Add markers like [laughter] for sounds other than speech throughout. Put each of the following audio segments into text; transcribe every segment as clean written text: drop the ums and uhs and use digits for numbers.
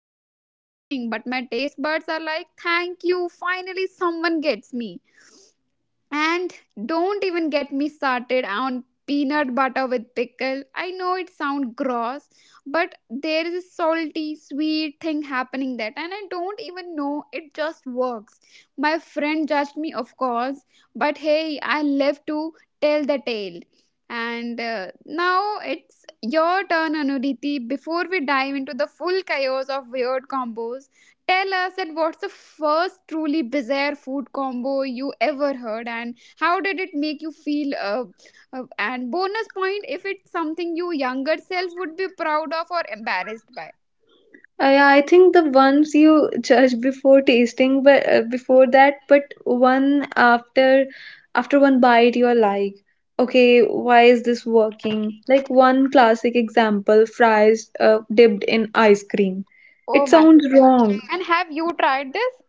"What are you doing?" But my taste buds are like, "Thank you, finally someone gets me." And don't even get me started on peanut butter with pickle. I know it sounds gross, but there is a salty, sweet thing happening that, and I don't even know it just works. My friend judged me, of course, but hey, I live to tell the tale. And now it's your turn, Anuriti. Before we dive into the full chaos of weird combos, tell us that what's the first truly bizarre food combo you ever heard, and how did it make you feel? And bonus point if it's something your younger self would be proud of or embarrassed by. I think the ones you judge before tasting, Yeah. But one after one bite, you're like, okay, why is this working? Like one classic example, fries dipped in ice cream. Oh It my sounds goodness! wrong. And have you tried this?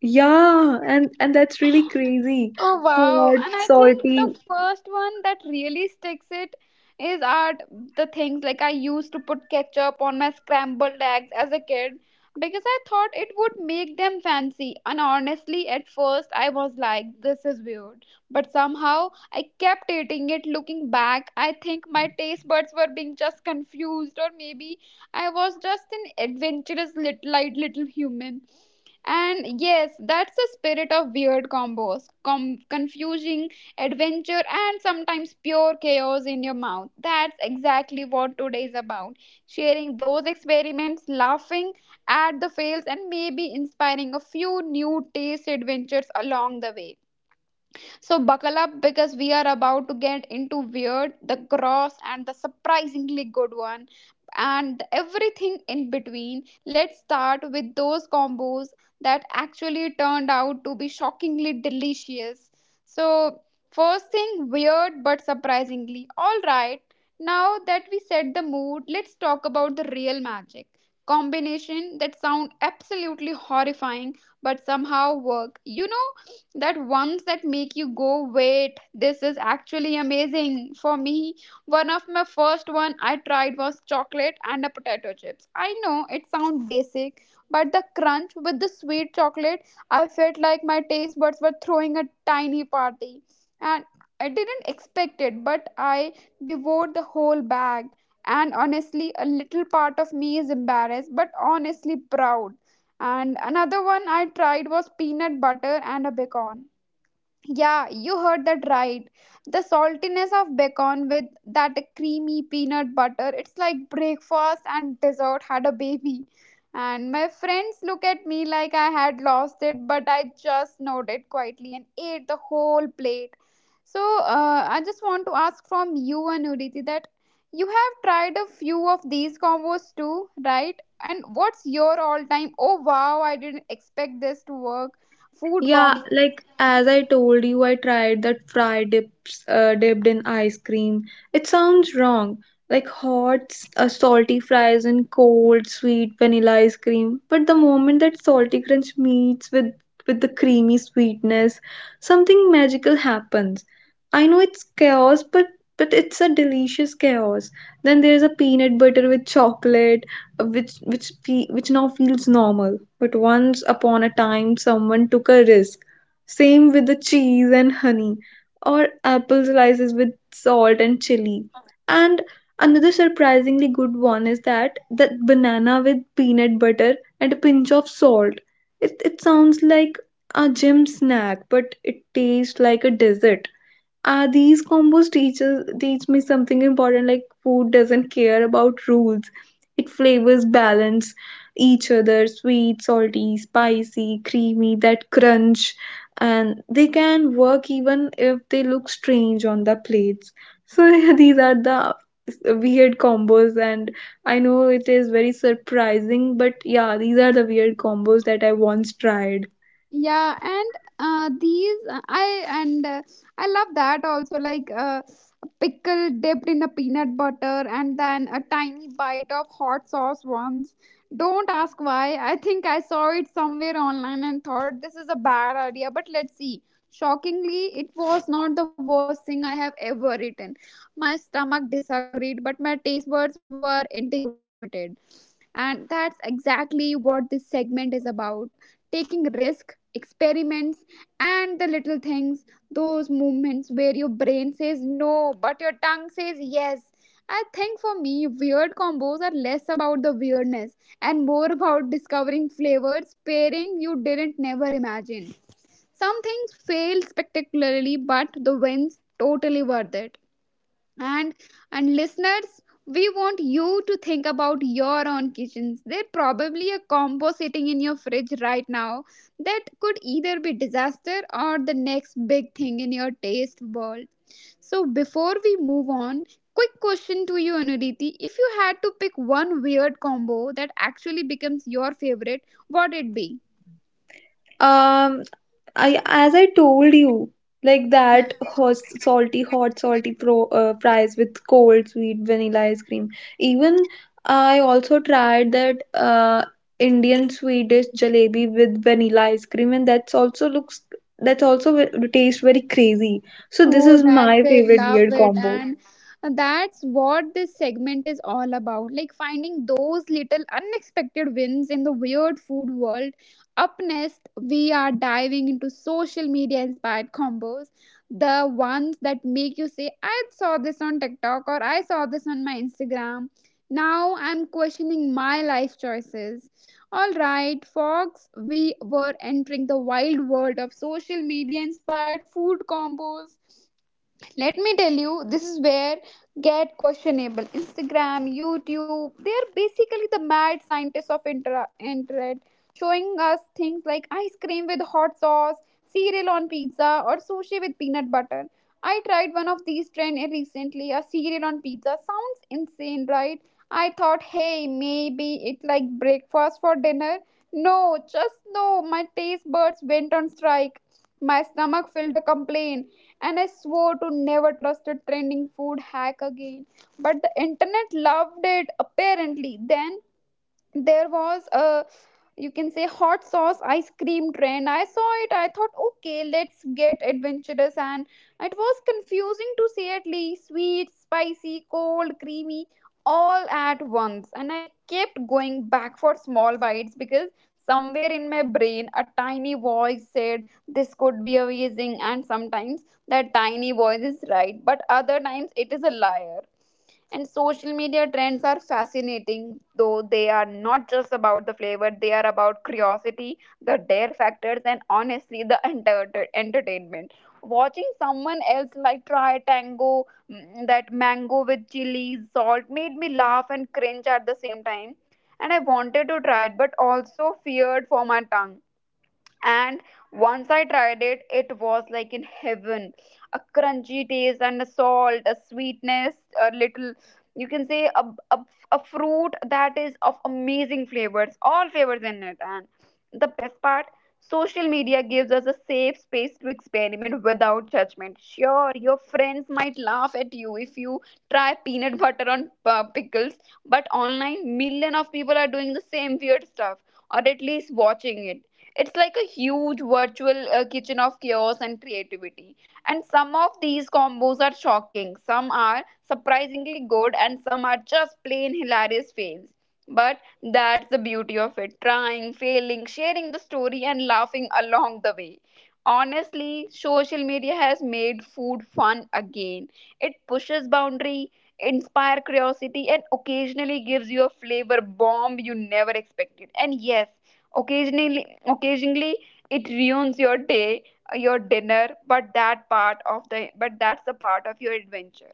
Yeah, and that's really crazy. Oh wow! Hot, And I think the salty. first one that really sticks it is are the things like I used to put ketchup on my scrambled eggs as a kid because I thought it would make them fancy. And honestly, at first I was like, "This is weird," but somehow I kept eating it. Looking back, I think my taste buds were being just confused, or maybe I was just an adventurous little, like, little human. And yes, that's the spirit of weird combos, confusing adventure and sometimes pure chaos in your mouth. That's exactly what today is about, sharing those experiments, laughing at the fails, and maybe inspiring a few new taste adventures along the way. So, buckle up because we are about to get into weird, the gross, and the surprisingly good one, and everything in between. Let's start with those combos that actually turned out to be shockingly delicious. So, first thing weird but surprisingly. All right, now that we set the mood, let's talk about the real magic. Combination that sound absolutely horrifying but somehow work. You know, that ones that make you go, wait, this is actually amazing for me. One of my first one I tried was chocolate and a potato chips. I know it sounds basic, but the crunch with the sweet chocolate, I felt like my taste buds were throwing a tiny party. And I didn't expect it, but I devoured the whole bag. And honestly, a little part of me is embarrassed but honestly proud. And another one I tried was peanut butter and a bacon. Yeah, you heard that right. The saltiness of bacon with that creamy peanut butter, it's like breakfast and dessert had a baby. And my friends look at me like I had lost it, but I just nodded quietly and ate the whole plate. So, I just want to ask from you, Anuriti, that you have tried a few of these combos too, right? And what's your all time, oh wow, I didn't expect this to work, food Yeah, combo? like as I told you, I tried that fry dips dipped in ice cream. It sounds wrong, like salty fries and cold, sweet vanilla ice cream. But the moment that salty crunch meets with the creamy sweetness, something magical happens. I know it's chaos, but it's a delicious chaos. Then there's a peanut butter with chocolate which now feels normal, but once upon a time someone took a risk. Same with the cheese and honey, or apple slices with salt and chili, and another surprisingly good one is that banana with peanut butter and a pinch of salt. It sounds like a gym snack, but it tastes like a dessert. These combos teach me something important. Like, food doesn't care about rules. It flavors balance each other: sweet, salty, spicy, creamy, that crunch. And they can work even if they look strange on the plates. So [laughs] these are the weird combos, and I know it is very surprising, but yeah, these are the weird combos that I once tried. Yeah, and these I and I love that also, like a pickle dipped in a peanut butter and then a tiny bite of hot sauce once. Don't ask why. I think I saw it somewhere online and thought this is a bad idea, but let's see. Shockingly, it was not the worst thing I have ever eaten. My stomach disagreed, but my taste buds were integrated. And that's exactly what this segment is about, taking risk experiments and the little things, those moments where your brain says no but your tongue says yes. I think for me weird combos are less about the weirdness and more about discovering flavors pairing you didn't never imagine. Some things fail spectacularly, but the wins totally worth it. And listeners, we want you to think about your own kitchens. There's probably a combo sitting in your fridge right now that could either be disaster or the next big thing in your taste world. So before we move on, quick question to you, Anuriti, if you had to pick one weird combo that actually becomes your favorite, what would it be? um I as I told you, like that hot salty pro fries with cold sweet vanilla ice cream. Even I also tried that Indian Swedish jalebi with vanilla ice cream, and that's also taste very crazy. So this Oh, is that's my it. favorite Love weird it. combo. And that's what this segment is all about. Like finding those little unexpected wins in the weird food world. Up next, we are diving into social media inspired combos. The ones that make you say, I saw this on TikTok or I saw this on my Instagram. Now I'm questioning my life choices. All right, folks, we were entering the wild world of social media inspired food combos. Let me tell you, this is where get questionable. Instagram, YouTube, they are basically the mad scientists of internet, showing us things like ice cream with hot sauce, cereal on pizza, or sushi with peanut butter. I tried one of these trends recently, a cereal on pizza. Sounds insane, right? I thought, hey, maybe it like breakfast for dinner. No, just no. My taste buds went on strike, my stomach filled a complaint, and I swore to never trust a trending food hack again. But the internet loved it apparently. Then there was a, you can say, hot sauce ice cream trend. I saw it, I thought, okay, let's get adventurous. And it was confusing to say at least, sweet, spicy, cold, creamy, all at once. And I kept going back for small bites because somewhere in my brain a tiny voice said, this could be amazing. And sometimes that tiny voice is right, but other times it is a liar. And social media trends are fascinating, though they are not just about the flavor, they are about curiosity, the dare factors, and honestly, the entertainment. Watching someone else like try tango, mm, that mango with chili, salt made me laugh and cringe at the same time. And I wanted to try it, but also feared for my tongue. And once I tried it, it was like in heaven. A crunchy taste and a salt, a sweetness, a little, you can say a, a fruit that is of amazing flavors, all flavors in it. And the best part, social media gives us a safe space to experiment without judgment. Sure, your friends might laugh at you if you try peanut butter on pickles, but online million of people are doing the same weird stuff, or at least watching it. It's like a huge virtual kitchen of chaos and creativity. And some of these combos are shocking, some are surprisingly good, and some are just plain hilarious fails. But that's the beauty of it, trying, failing, sharing the story, and laughing along the way. Honestly, social media has made food fun again. It pushes boundary, inspire curiosity, and occasionally gives you a flavor bomb you never expected. And yes, occasionally, occasionally it ruins your day, your dinner, but that part of the but that's the part of your adventure.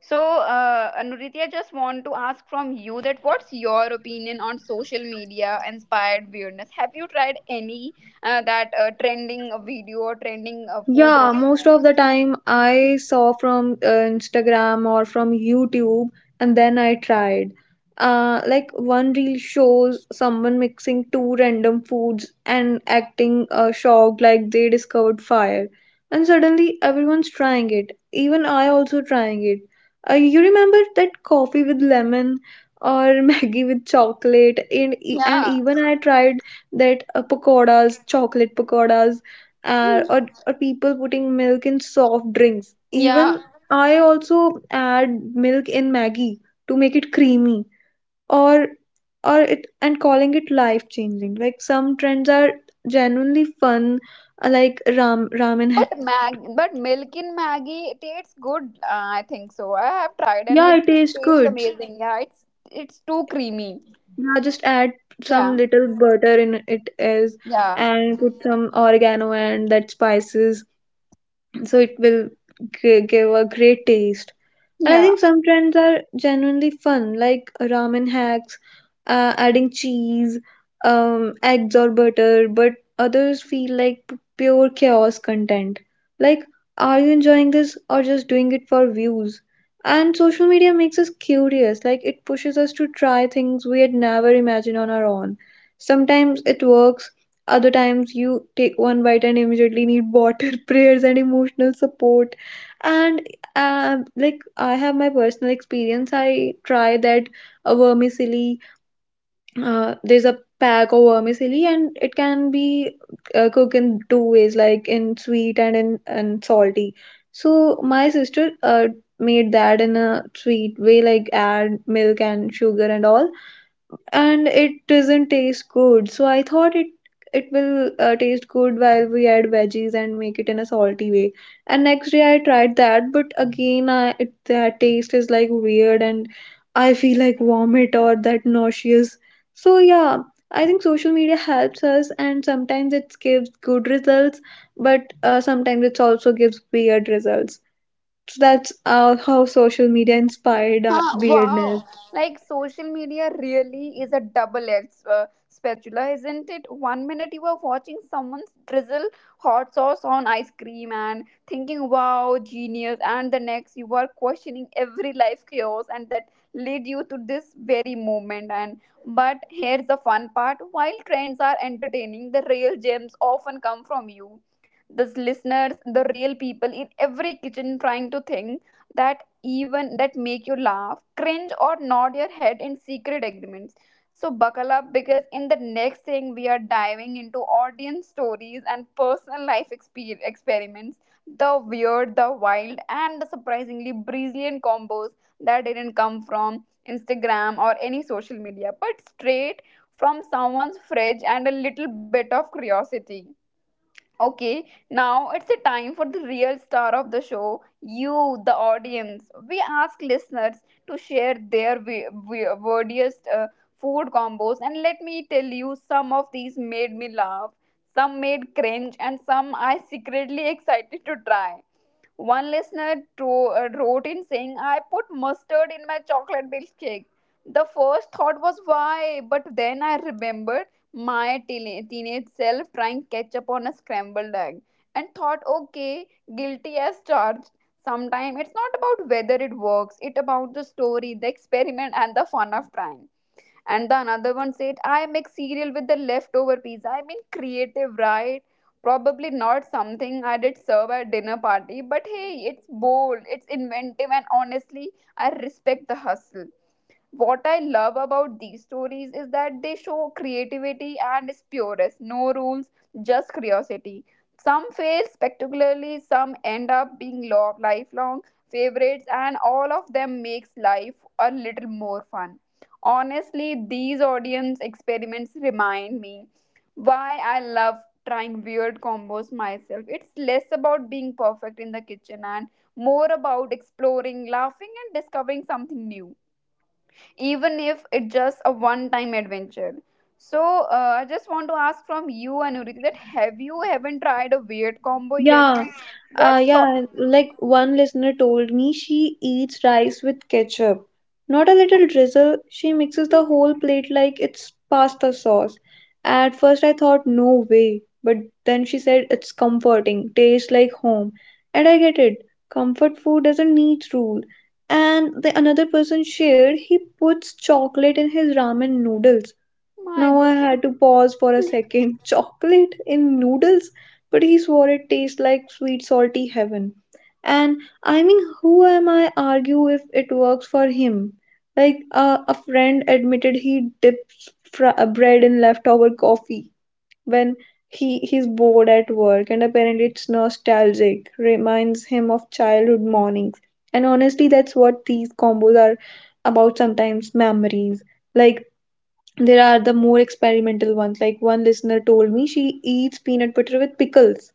So, Anuritya, just want to ask from you that what's your opinion on social media inspired weirdness? Have you tried any that trending video or trending food Yeah, recipe? most of the time I saw from Instagram or from YouTube, and then I tried. Like, one reel shows someone mixing two random foods and acting shocked like they discovered fire. And suddenly everyone's trying it. Even I also trying it. You remember that coffee with lemon, or [laughs] Maggie with chocolate, and Yeah, even I tried that chocolate pakoras, or people putting milk in soft drinks. Even yeah. I also add milk in Maggie to make it creamy, or or it and calling it life changing. Like, some trends are genuinely fun, ramen. Ha- But mag, but milk in Maggie it tastes good. I think so. I have tried and yeah, it it tastes tastes good. amazing. Yeah, it's too creamy. Yeah, just add some Yeah, little butter in it, is yeah, and put some oregano and that spices, so it will give a great taste. And I yeah. think some trends are genuinely fun, like ramen hacks, adding cheese, eggs, or butter. But others feel like pure chaos content, like, are you enjoying this or just doing it for views? And social media makes us curious. Like, it pushes us to try things we had never imagined on our own. Sometimes it works. Other times, you take one bite and immediately need water, [laughs] prayers, and emotional support. And like, I have my personal experience. I try that a vermicelli. There's a pack of vermicelli, and it can be cooked in two ways, like in sweet and in and salty. So my sister made that in a sweet way, like add milk and sugar and all, and it doesn't taste good. So I thought it it will taste good while we add veggies and make it in a salty way. And next day I tried that, but again I it, that taste is like weird and I feel like vomit or that nauseous. So yeah, I think social media helps us, and sometimes it gives good results, but sometimes it also gives weird results. So that's how social media inspired Ah, weirdness. wow. Like social media really is a double-edged spatula, isn't it? One minute you are watching someone drizzle hot sauce on ice cream and thinking, wow, genius. And the next you are questioning every life chaos and that led you to this very moment. And but here's the fun part. While trends are entertaining, the real gems often come from you. The listeners, the real people in every kitchen trying to think that even that make you laugh, cringe, or nod your head in secret agreements. So buckle up because in the next thing we are diving into audience stories and personal life experiments, the weird, the wild, and the surprisingly brilliant combos that didn't come from Instagram or any social media, but straight from someone's fridge and a little bit of curiosity. Okay, now it's a time for the real star of the show, you, the audience. We ask listeners to share their weirdest food combos, and let me tell you, some of these made me laugh, some made cringe, and some I secretly [laughs] excited to try. One listener wrote in saying, I put mustard in my chocolate milkshake. The first thought was why, but then I remembered my teenage self trying ketchup on a scrambled egg and thought, okay, guilty as charged. Sometimes it's not about whether it works, it's about the story, the experiment, and the fun of trying. And the another one said, I make cereal with the leftover pizza. I mean, creative, right? Probably not something I did serve at dinner party, but hey, it's bold, it's inventive, and honestly, I respect the hustle. What I love about these stories is that they show creativity and its purest, no rules, just curiosity. Some fail spectacularly, some end up being lifelong favorites, and all of them makes life a little more fun. Honestly, these audience experiments remind me why I love trying weird combos myself. It's less about being perfect in the kitchen and more about exploring, laughing, and discovering something new even if it's just a one time adventure. So I just want to ask from you anuriti that have you haven't tried a weird combo yet Yeah, and what's yeah. stopping. Like, one listener told me, she eats rice with ketchup. Not a little drizzle, she mixes the whole plate like it's pasta sauce. At first, I thought, no way. But then she said, it's comforting, tastes like home. And I get it. Comfort food doesn't need rule. And the another person shared, he puts chocolate in his ramen noodles. My Now I goodness. had to pause for a second. [laughs] Chocolate in noodles? But he swore it tastes like sweet salty heaven. And I mean, who am I argue if it works for him? Like a friend admitted he dips bread in leftover coffee when he's bored at work, and apparently it's nostalgic, reminds him of childhood mornings. And honestly, that's what these combos are about, sometimes memories. Like, there are the more experimental ones. Like, one listener told me she eats peanut butter with pickles.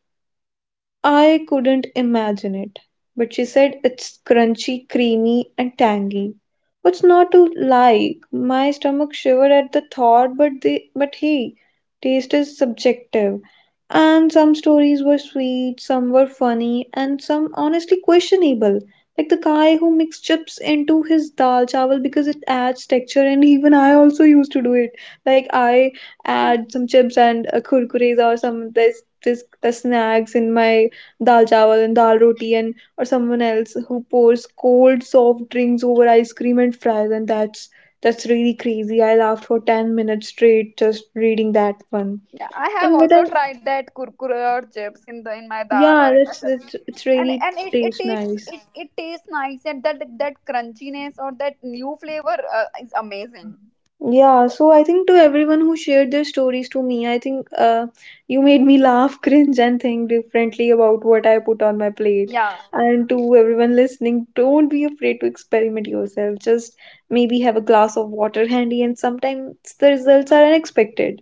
I couldn't imagine it, but she said it's crunchy, creamy, and tangy. What's not to like? My stomach shivered at the thought, but but hey, taste is subjective. And some stories were sweet, some were funny, and some honestly questionable. Like, the guy who mixed chips into his dal chawal because it adds texture, and even I also used to do it. Like, I add some [laughs] chips and kurkures or some this this snacks in my dal chawal and dal roti, and or someone else who pours cold soft drinks over ice cream and fries, and that's really crazy. I laughed for 10 minutes straight just reading that one. Yeah, I have And but I also tried that kurkure or chips in the in my dal or yeah, in my sabzi, that's, it's and really and it tastes tastes nice. it, tastes nice, and that that crunchiness or that new flavor is amazing. Yeah, so I think to everyone who shared their stories to me, I think you made me laugh, [laughs] cringe, and think differently about what I put on my plate. Yeah, And to everyone listening, don't be afraid to experiment yourself. Just maybe have a glass of water handy, and sometimes the results are unexpected.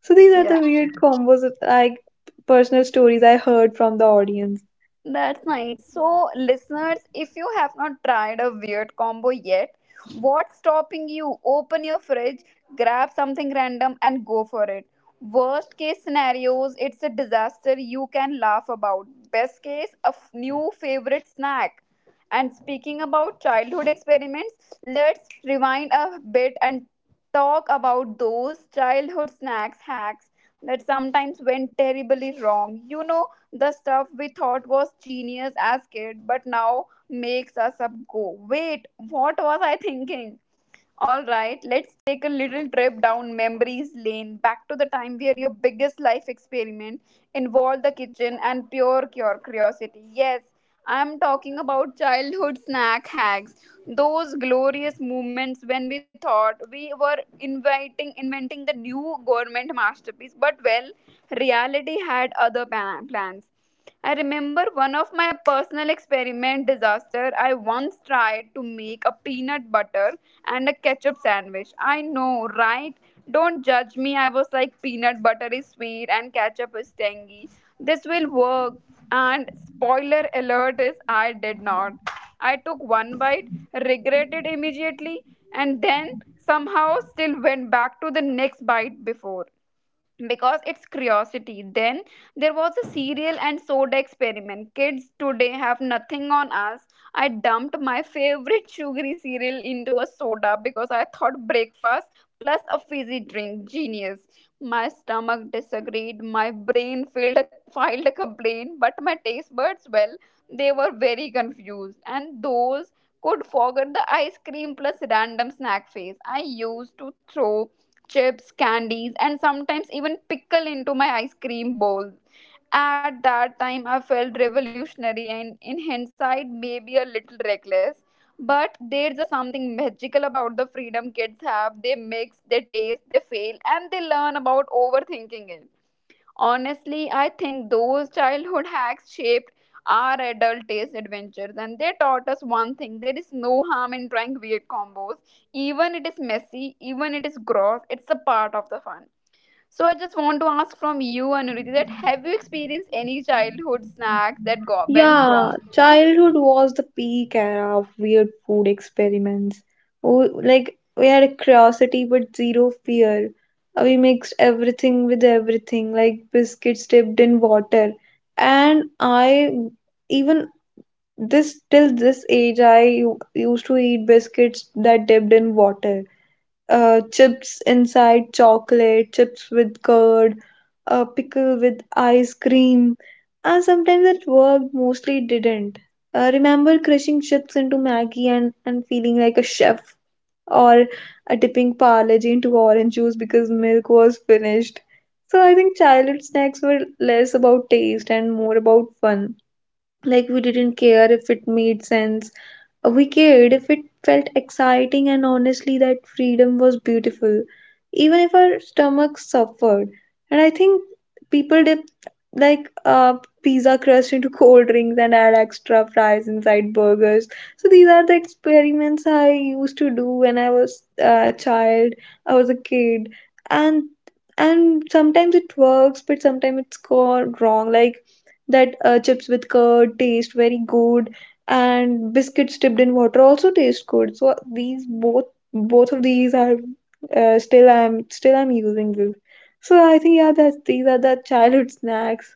So these are the yeah. weird combos of, like, personal stories I heard from the audience. That's nice. So, listeners, if you have not tried a weird combo yet, what's stopping you? Open your fridge, grab something random, and go for it. Worst case scenarios, it's a disaster you can laugh about. Best case, a new favorite snack. And speaking about childhood experiments, let's rewind a bit and talk about those childhood snacks hacks that sometimes went terribly wrong. You know, the stuff we thought was genius as kids but now makes us up go, wait, what was I thinking? Alright, let's take a little trip down memories lane back to the time where your biggest life experiment involved the kitchen and pure cure curiosity. Yes, I'm talking about childhood snack hacks. Those glorious moments when we thought we were inviting inventing the new government masterpiece, but well, reality had other plans. I remember one of my personal experiment disaster. I once tried to make a peanut butter and a ketchup sandwich. I know, right? Don't judge me. I was like peanut butter is sweet and ketchup is tangy. This will work. And spoiler alert is I did not. I took one bite, regretted immediately, and then somehow still went back to the next bite before because it's curiosity. Then there was a cereal and soda experiment. Kids today have nothing on us. I dumped my favorite sugary cereal into a soda because I thought breakfast plus a fizzy drink. Genius. My stomach disagreed. My brain filed a complaint, but my taste buds, well, they were very confused. And those could forget the ice cream plus random snack phase. I used to throw chips, candies, and sometimes even pickle into my ice cream bowl. At that time, I felt revolutionary and, in hindsight, maybe a little reckless. But there's a something magical about the freedom kids have. They mix, they taste, they fail, and they learn about overthinking it. Honestly, I think those childhood hacks shaped our adult taste adventures and they taught us one thing: there is no harm in trying weird combos. Even it is messy, even it is gross, it's a part of the fun. So I just want to ask from you, Anuriti, that have you experienced any childhood snacks that go went Yeah, wrong. childhood was the peak era of weird food experiments. Oh, like, we had a curiosity but zero fear. We mixed everything with everything, like biscuits dipped in water. And I even this till this age, I used to eat biscuits that dipped in water, chips inside chocolate, chips with curd, a pickle with ice cream. And sometimes it worked, mostly it didn't. Remember crushing chips into Maggie and feeling like a chef, or a dipping Parle-G into orange juice because milk was finished. So I think childhood snacks were less about taste and more about fun. Like, we didn't care if it made sense, a weekend if it felt exciting, and honestly that freedom was beautiful even if our stomachs suffered. And I think people dip, like uh, pizza crust into cold drinks and add extra fries inside burgers. So these are the experiments I used to do when I was a child, I was a kid. and and sometimes it works, but sometimes it's gone wrong. Like that chips with curd taste very good, and biscuits dipped in water also taste good. So these both, both of these are still I'm, still I'm using this. So I think, yeah, that's, these are the childhood snacks.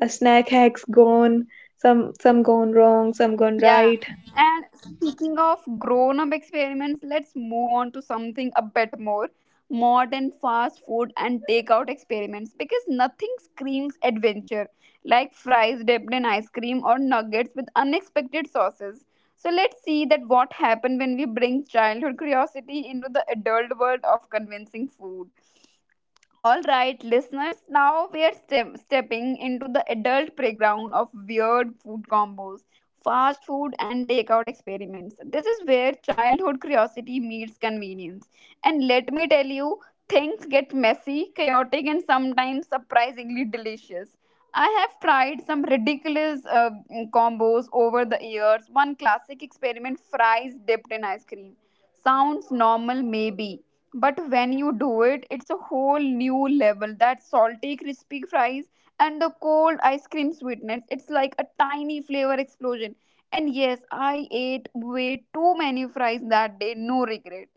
A snack hacks gone, some gone wrong, some Yeah. gone right. And speaking of grown up experiments, let's move on to something a bit more modern: fast food and takeout experiments, because nothing screams adventure like fries dipped in ice cream or nuggets with unexpected sauces. So let's see that what happened when we bring childhood curiosity into the adult world of convincing food. All right, listeners, now we are stepping into the adult playground of weird food combos, fast food, and takeout experiments. This is where childhood curiosity meets convenience. And let me tell you, things get messy, chaotic, and sometimes surprisingly delicious. I have tried some ridiculous combos over the years. One classic experiment: fries dipped in ice cream. Sounds normal, maybe, but when you do it it's a whole new level. That salty crispy fries and the cold ice cream sweetness, it's like a tiny flavor explosion. And yes, I ate way too many fries that day, no regret.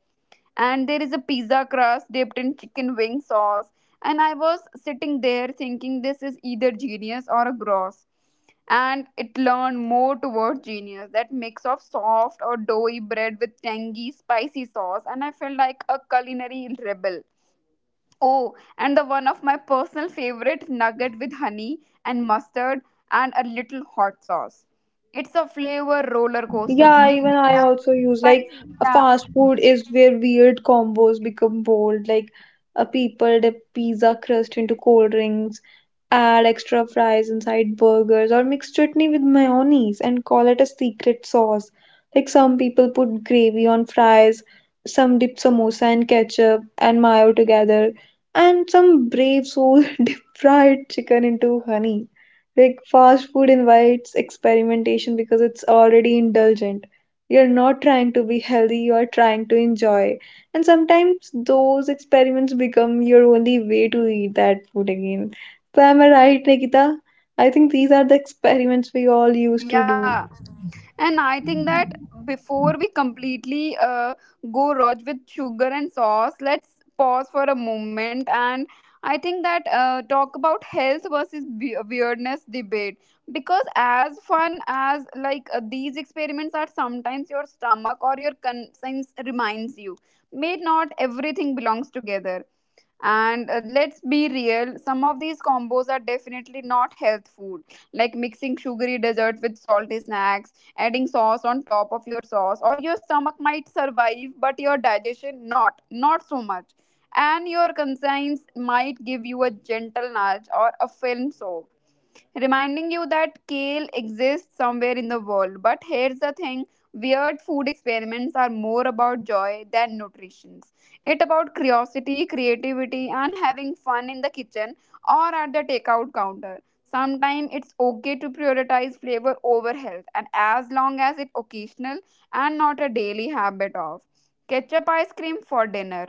And there is a pizza crust dipped in chicken wing sauce. And I was sitting there thinking, this is either genius or a gross. And it leaned more towards genius, that mix of soft or doughy bread with tangy, spicy sauce. And I felt like a culinary rebel. Oh, and the one of my personal favorite, nugget with honey and mustard and a little hot sauce. It's a flavor roller coaster, Yeah, even sweet, I also tangy, use, like, spicy. a Yeah, fast food is where weird combos become bold. Like, a people dip pizza crust into cold drinks, add extra fries inside burgers, or mix chutney with mayonnaise and call it a secret sauce. Like, some people put gravy on fries, some dip samosa and ketchup and mayo together, and some brave soul [laughs] dip fried chicken into honey. Like, fast food invites experimentation because it's already indulgent. You're not trying to be healthy, you are trying to enjoy. And sometimes those experiments become your only way to eat that food again. So, am I right, Nikita? I think these are the experiments we all used to yeah. do. And I think that before we completely go roj with sugar and sauce, let's pause for a moment. And I think that talk about health versus weirdness debate, because as fun as like these experiments are, sometimes your stomach or your conscience reminds you, may not everything belongs together. And let's be real, some of these combos are definitely not health food, like mixing sugary desserts with salty snacks, adding sauce on top of your sauce, or your stomach might survive, but your digestion not so much. And your conscience might give you a gentle nudge or a film soak reminding you that kale exists somewhere in the world. But here's the thing: weird food experiments are more about joy than nutrition. It's about curiosity, creativity, and having fun in the kitchen or at the takeout counter. Sometimes it's okay to prioritize flavor over health, and as long as it's occasional and not a daily habit of ketchup ice cream for dinner.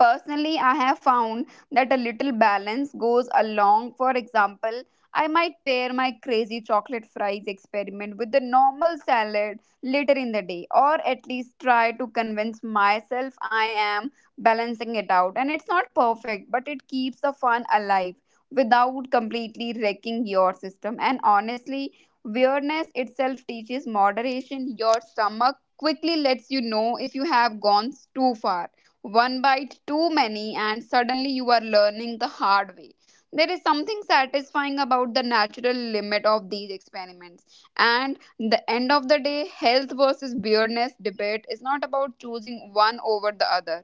Personally, I have found that a little balance goes along. For example, I might pair my crazy chocolate fries experiment with the normal salad later in the day, or at least try to convince myself I am balancing it out. And it's not perfect, but it keeps the fun alive without completely wrecking your system. And honestly, weirdness itself teaches moderation. Your stomach quickly lets you know if you have gone too far. One bite too many and suddenly you are learning the hard way. There is something satisfying about the natural limit of these experiments. And the end of the day, health versus weirdness debate is not about choosing one over the other,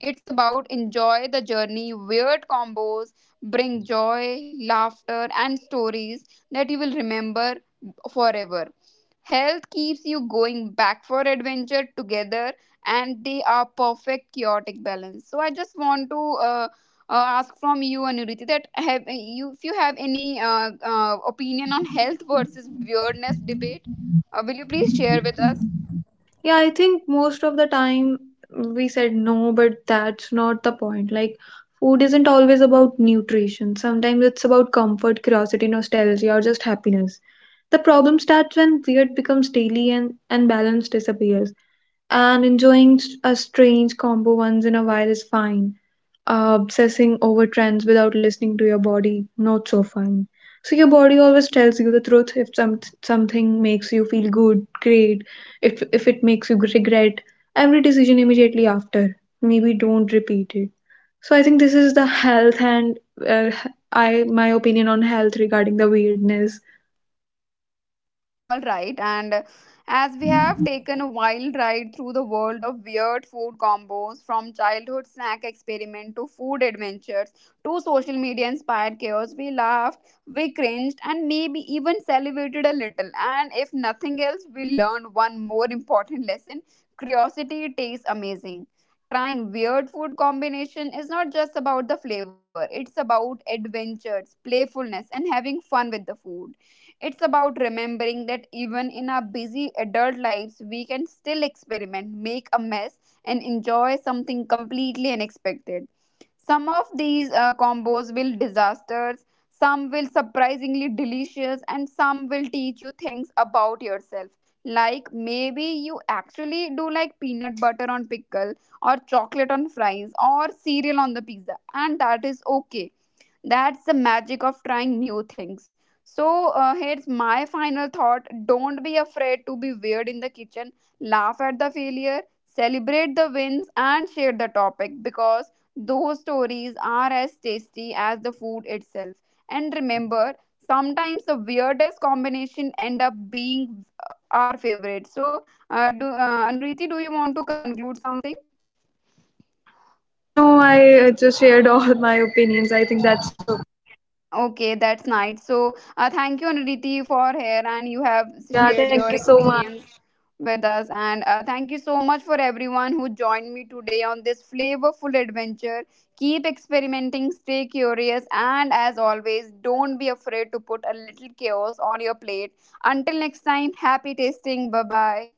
it's about enjoy the journey. Weird combos bring joy, laughter, and stories that you will remember forever. Health keeps you going back for adventure together, and they are perfect chaotic balance. So I just want to ask from you, Anuriti, that have you, if you have any opinion on health versus weirdness debate, will you please share with us? Yeah, I think most of the time we said no, but that's not the point. Like, food isn't always about nutrition. Sometimes it's about comfort, curiosity, nostalgia, or just happiness. The problem starts when weird becomes daily, and, balance disappears. And enjoying a strange combo once in a while is fine. Obsessing over trends without listening to your body, not so fine. So your body always tells you the truth. If something makes you feel good, great. If it makes you regret every decision immediately after, maybe don't repeat it. So I think this is the health, and uh, I, my opinion on health regarding the weirdness. [laughs] All right, and as we have taken a wild ride through the world of weird food combos, from childhood snack experiment to food adventures to social media inspired chaos, we laughed, we cringed, and maybe even salivated a little. And if nothing else, we learned one more important lesson: curiosity tastes amazing. Trying weird food combination is not just about the flavor, it's about adventures, playfulness, and having fun with the food. It's about remembering that even in our busy adult lives, we can still experiment, make a mess, and enjoy something completely unexpected. Some of these combos will disasters, some will surprisingly delicious, and some will teach you things about yourself. Like maybe you actually do like peanut butter on pickle, or chocolate on fries, or cereal on the pizza, and that is okay. That's the magic of trying new things. So here's my final thought. Don't be afraid to be weird in the kitchen. Laugh at the failure, celebrate the wins, and share the topic, because those stories are as tasty as the food itself. And remember, sometimes the weirdest combination end up being our favorite. So, Anuriti, do you want to conclude something? No, I just shared all my opinions. I think that's okay. Okay, that's nice. So, thank you, Anuriti, for here, and you have Yeah, thank shared you your so much. experience with us. And thank you so much for everyone who joined me today on this flavorful adventure. Keep experimenting, stay curious, and as always, don't be afraid to put a little chaos on your plate. Until next time, happy tasting. Bye bye.